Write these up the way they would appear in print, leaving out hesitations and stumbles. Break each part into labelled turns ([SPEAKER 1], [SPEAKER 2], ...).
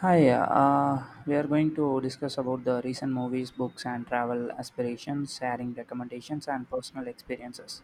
[SPEAKER 1] Hi, we are going to discuss about the recent movies, books, and travel aspirations, sharing recommendations, and personal experiences.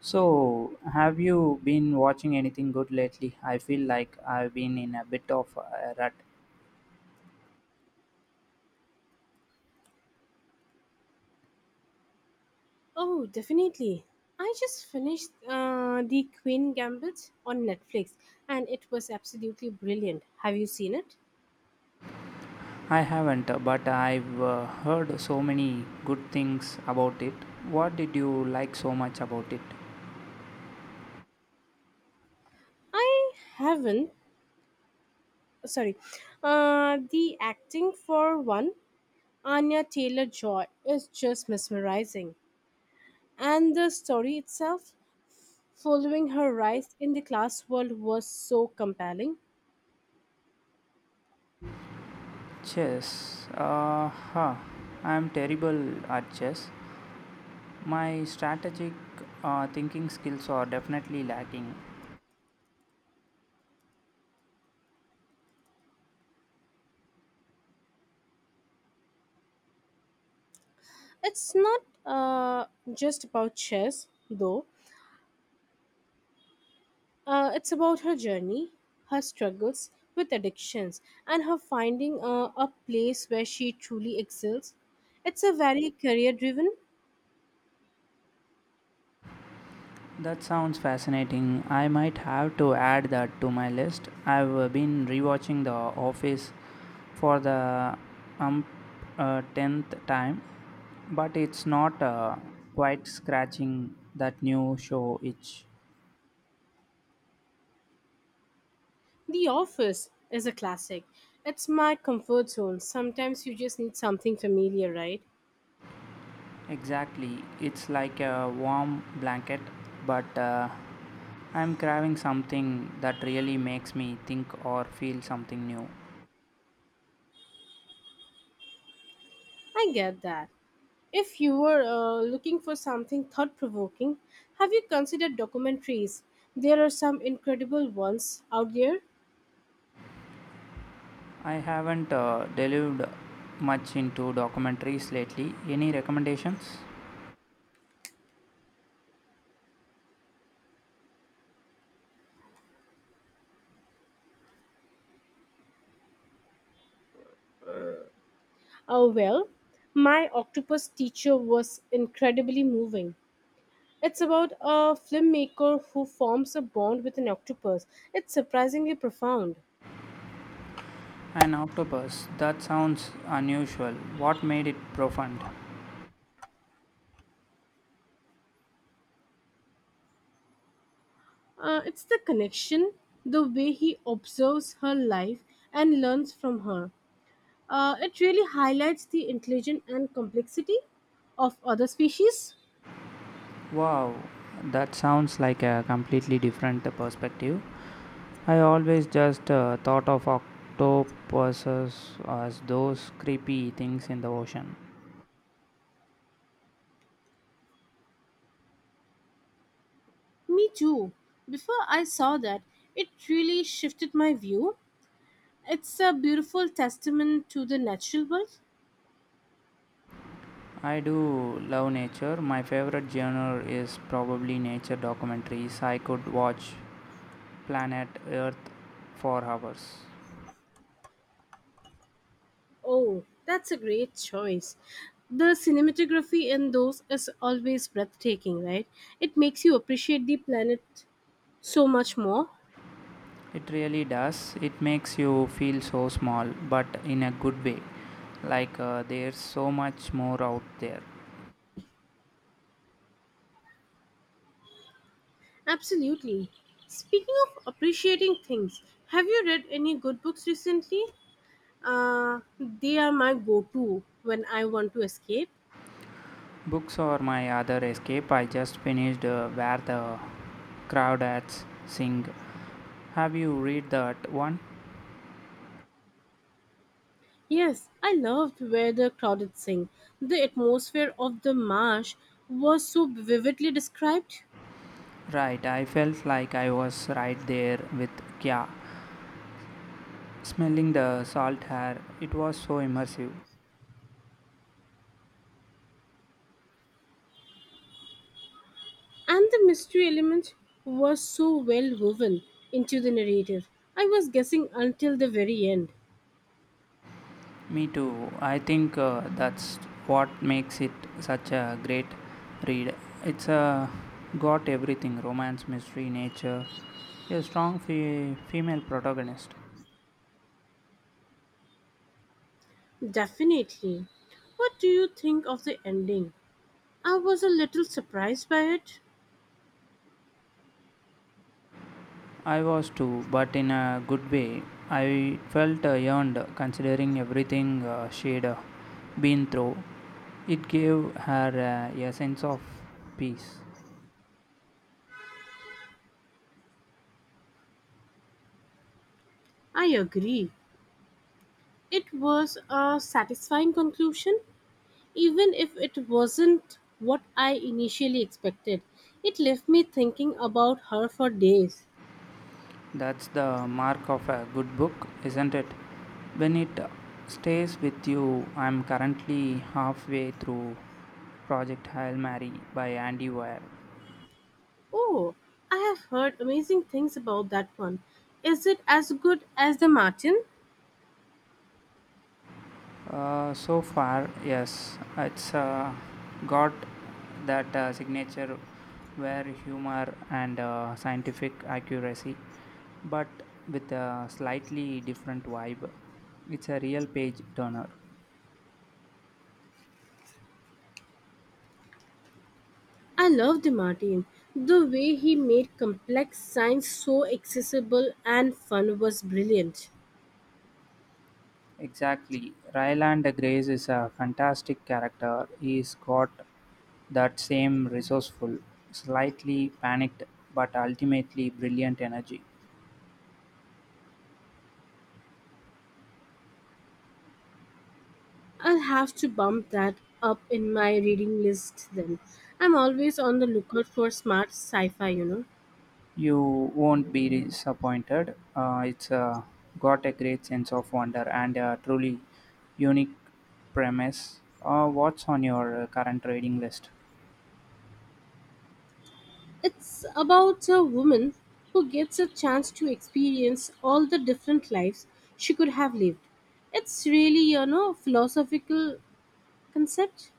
[SPEAKER 1] So, have you been watching anything good lately? I feel like I've been in a bit of a rut.
[SPEAKER 2] Oh, definitely. I just finished The Queen Gambit on Netflix and it was absolutely brilliant. Have you seen it?
[SPEAKER 1] I haven't, but I've heard so many good things about it. What did you like so much about it?
[SPEAKER 2] I haven't. Sorry. The acting for one, Anya Taylor Joy, is just mesmerizing. And the story itself, following her rise in the class world, was so compelling.
[SPEAKER 1] Chess. Huh. I'm terrible at chess. My strategic thinking skills are definitely lacking.
[SPEAKER 2] It's not just about chess, though. It's about her journey, her struggles with addictions, and her finding a place where she truly excels. It's a very career driven.
[SPEAKER 1] That sounds fascinating. I might have to add that to my list. I've been rewatching The Office for the um, 10th time, but it's not quite scratching that new show itch.
[SPEAKER 2] The Office is a classic. It's my comfort zone. Sometimes you just need something familiar, right?
[SPEAKER 1] Exactly. It's like a warm blanket, but I'm craving something that really makes me think or feel something new.
[SPEAKER 2] I get that. If you were looking for something thought provoking, have you considered documentaries? There are some incredible ones out there.
[SPEAKER 1] I haven't delved much into documentaries lately. Any recommendations?
[SPEAKER 2] Oh, well, my octopus teacher was incredibly moving. It's about a filmmaker who forms a bond with an octopus. It's surprisingly profound.
[SPEAKER 1] An octopus. That sounds unusual. What made it profound?
[SPEAKER 2] It's the connection, the way he observes her life and learns from her. It really highlights the intelligence and complexity of other species.
[SPEAKER 1] Wow, that sounds like a completely different perspective. I always just thought of octopuses as those creepy things in the ocean.
[SPEAKER 2] Me too. Before I saw that, it really shifted my view. It's a beautiful testament to the natural world.
[SPEAKER 1] I do love nature. My favorite genre is probably nature documentaries. I could watch Planet Earth for hours.
[SPEAKER 2] Oh, that's a great choice. The cinematography in those is always breathtaking, right? It makes you appreciate the planet so much more.
[SPEAKER 1] It really does. It makes you feel so small, but in a good way. Like there's so much more out there.
[SPEAKER 2] Absolutely. Speaking of appreciating things, have you read any good books recently? They are my go to when I want to escape.
[SPEAKER 1] Books are my other escape. I just finished Where the Crawdads Sing. Have you read that one?
[SPEAKER 2] Yes, I loved Where the Crowded Sing. The atmosphere of the marsh was so vividly described.
[SPEAKER 1] Right, I felt like I was right there with Kya. Smelling the salt air, it was so immersive.
[SPEAKER 2] And the mystery element was so well woven into the narrative. I was guessing until the very end.
[SPEAKER 1] Me too. I think that's what makes it such a great read. It's got everything romance, mystery, nature, a strong female protagonist.
[SPEAKER 2] Definitely. What do you think of the ending? I was a little surprised by it.
[SPEAKER 1] I was too, but in a good way. I felt yearned considering everything she'd been through. It gave her a sense of peace.
[SPEAKER 2] I agree. It was a satisfying conclusion, even if it wasn't what I initially expected. It left me thinking about her for days.
[SPEAKER 1] That's the mark of a good book, isn't it? When it stays with you, I'm currently halfway through Project Hail Mary by Andy Weir.
[SPEAKER 2] Oh, I have heard amazing things about that one. Is it as good as the Martin?
[SPEAKER 1] So far, yes, it's got that signature where humor and scientific accuracy, but with a slightly different vibe. It's a real page turner.
[SPEAKER 2] I loved Martin. The way he made complex science so accessible and fun was brilliant.
[SPEAKER 1] Exactly. Ryland Grace is a fantastic character. He's got that same resourceful, slightly panicked, but ultimately brilliant energy.
[SPEAKER 2] I'll have to bump that up in my reading list then. I'm always on the lookout for smart sci fi, you know.
[SPEAKER 1] You won't be disappointed. It's got a great sense of wonder and a truly unique premise. What's on your current reading list?
[SPEAKER 2] It's about a woman who gets a chance to experience all the different lives she could have lived. It's really, you know, philosophical concept.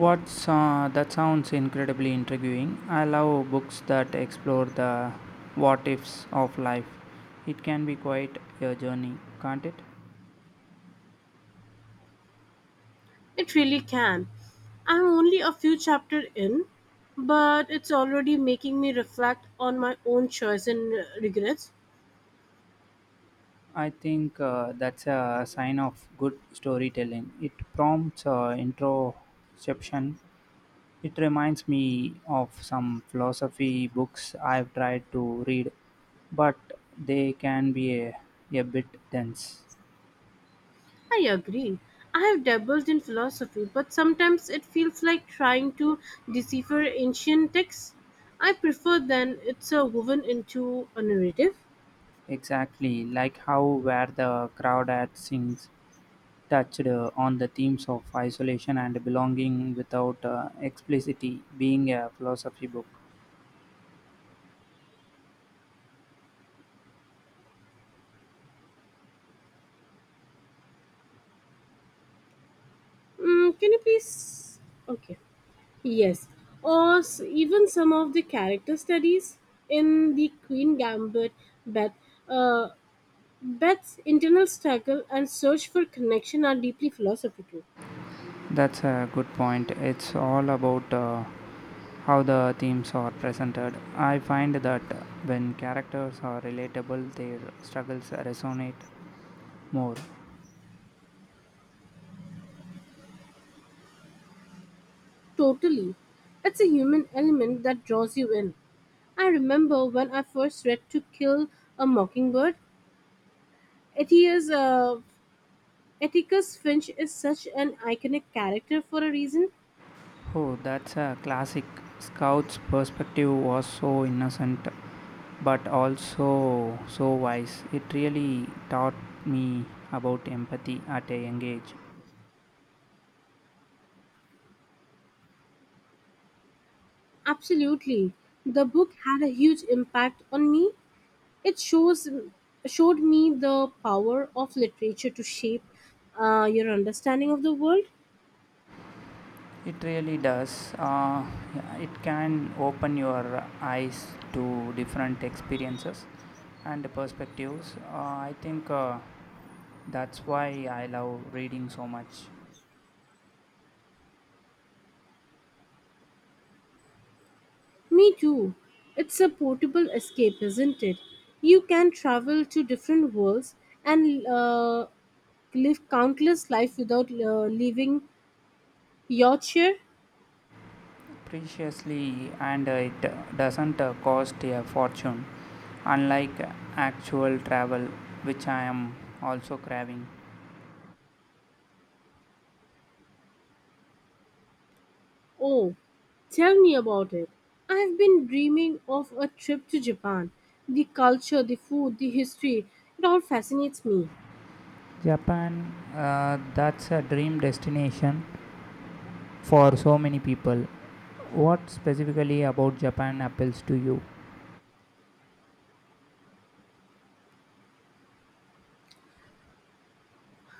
[SPEAKER 1] What's that sounds incredibly intriguing. I love books that explore the what ifs of life. It can be quite a journey, can't it?
[SPEAKER 2] It really can. I'm only a few chapters in, but it's already making me reflect on my own choice and regrets.
[SPEAKER 1] I think that's a sign of good storytelling. It prompts introspection. It reminds me of some philosophy books I've tried to read, but they can be a bit dense.
[SPEAKER 2] I agree. I have dabbled in philosophy, but sometimes it feels like trying to decipher ancient texts. I prefer then it's woven into a narrative.
[SPEAKER 1] Exactly, like how Where the Crowd at Sings touched on the themes of isolation and belonging without explicitly being a philosophy book.
[SPEAKER 2] Mm, can you please? Okay. Yes. Or even some of the character studies in the Queen Gambit, but uh, Beth's internal struggle and search for connection are deeply philosophical.
[SPEAKER 1] That's a good point. It's all about how the themes are presented. I find that when characters are relatable, their struggles resonate more.
[SPEAKER 2] Totally. It's a human element that draws you in. I remember when I first read To Kill a Mockingbird, Atticus, uh, Atticus Finch is such an iconic character for a reason.
[SPEAKER 1] Oh, that's a classic. Scout's perspective was so innocent but also so wise. It really taught me about empathy at a young age.
[SPEAKER 2] Absolutely. The book had a huge impact on me. It shows showed me the power of literature to shape your understanding of the world.
[SPEAKER 1] It really does. It can open your eyes to different experiences and perspectives. I think that's why I love reading so much.
[SPEAKER 2] Me too. It's a portable escape, isn't it? You can travel to different worlds and live countless life without leaving your chair.
[SPEAKER 1] Preciously, and it doesn't cost a fortune, unlike actual travel, which I am also craving.
[SPEAKER 2] Oh, tell me about it. I've been dreaming of a trip to Japan. The culture, the food, the history, it all fascinates me.
[SPEAKER 1] Japan, that's a dream destination for so many people. What specifically about Japan appeals to you?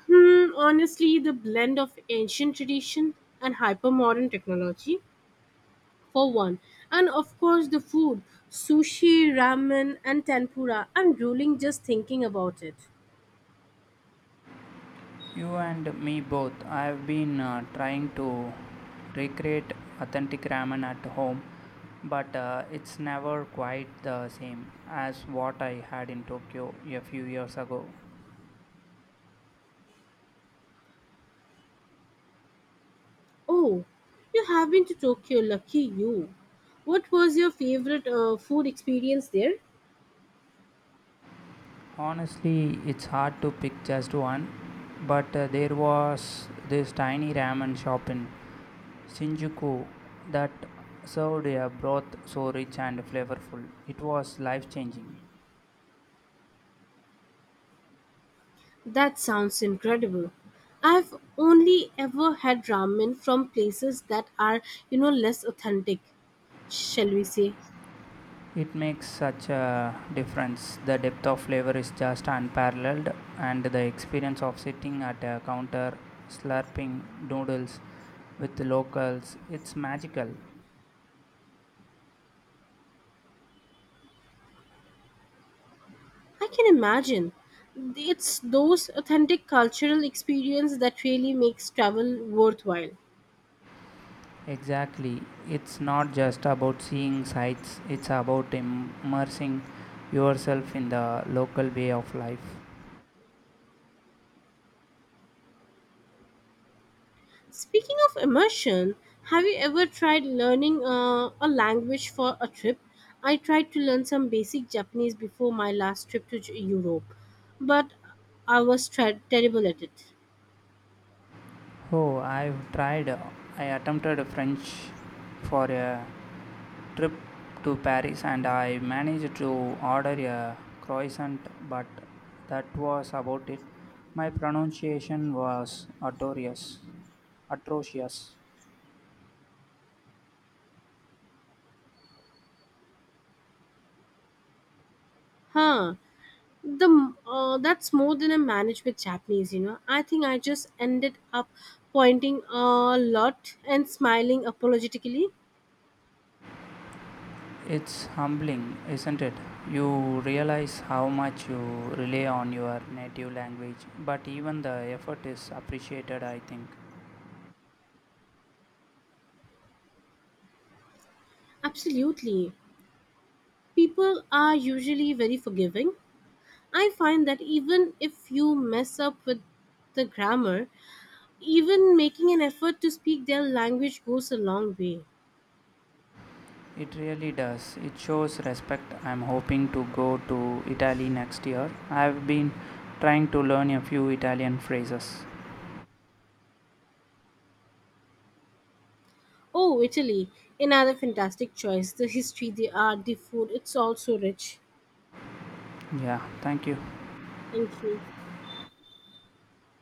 [SPEAKER 2] Hmm, honestly, the blend of ancient tradition and hypermodern technology for one. And of course, the food sushi, ramen, and tempura. I'm drooling just thinking about it.
[SPEAKER 1] You and me both. I've been trying to recreate authentic ramen at home, but it's never quite the same as what I had in Tokyo a few years ago.
[SPEAKER 2] Oh, you have been to Tokyo, lucky you. What was your favorite food experience there?
[SPEAKER 1] Honestly, it's hard to pick just one, but there was this tiny ramen shop in Shinjuku that served a broth so rich and flavorful. It was life changing.
[SPEAKER 2] That sounds incredible. I've only ever had ramen from places that are, you know, less authentic, shall we say.
[SPEAKER 1] It makes such a difference. The depth of flavor is just unparalleled, and the experience of sitting at a counter slurping noodles with locals, it's magical.
[SPEAKER 2] I can imagine. It's those authentic cultural experience that really makes travel worthwhile.
[SPEAKER 1] Exactly. It's not just about seeing sights, it's about immersing yourself in the local way of life.
[SPEAKER 2] Speaking of immersion, have you ever tried learning a language for a trip? I tried to learn some basic Japanese before my last trip to Europe, but I was terrible at it.
[SPEAKER 1] Oh, I've tried, I attempted French for a trip to Paris and I managed to order a croissant, but that was about it. My pronunciation was atrocious. Atrocious.
[SPEAKER 2] Huh. That's more than I managed with Japanese, you know. I think I just ended up pointing a lot and smiling apologetically.
[SPEAKER 1] It's humbling, isn't it? You realize how much you rely on your native language, but even the effort is appreciated, I think.
[SPEAKER 2] Absolutely. People are usually very forgiving. I find that even if you mess up with the grammar, even making an effort to speak their language goes a long way.
[SPEAKER 1] It really does. It shows respect. I'm hoping to go to Italy next year. I've been trying to learn a few Italian phrases.
[SPEAKER 2] Oh, Italy, another fantastic choice. The history, the art, the food, it's all so rich.
[SPEAKER 1] Yeah, thank you.
[SPEAKER 2] Thank you.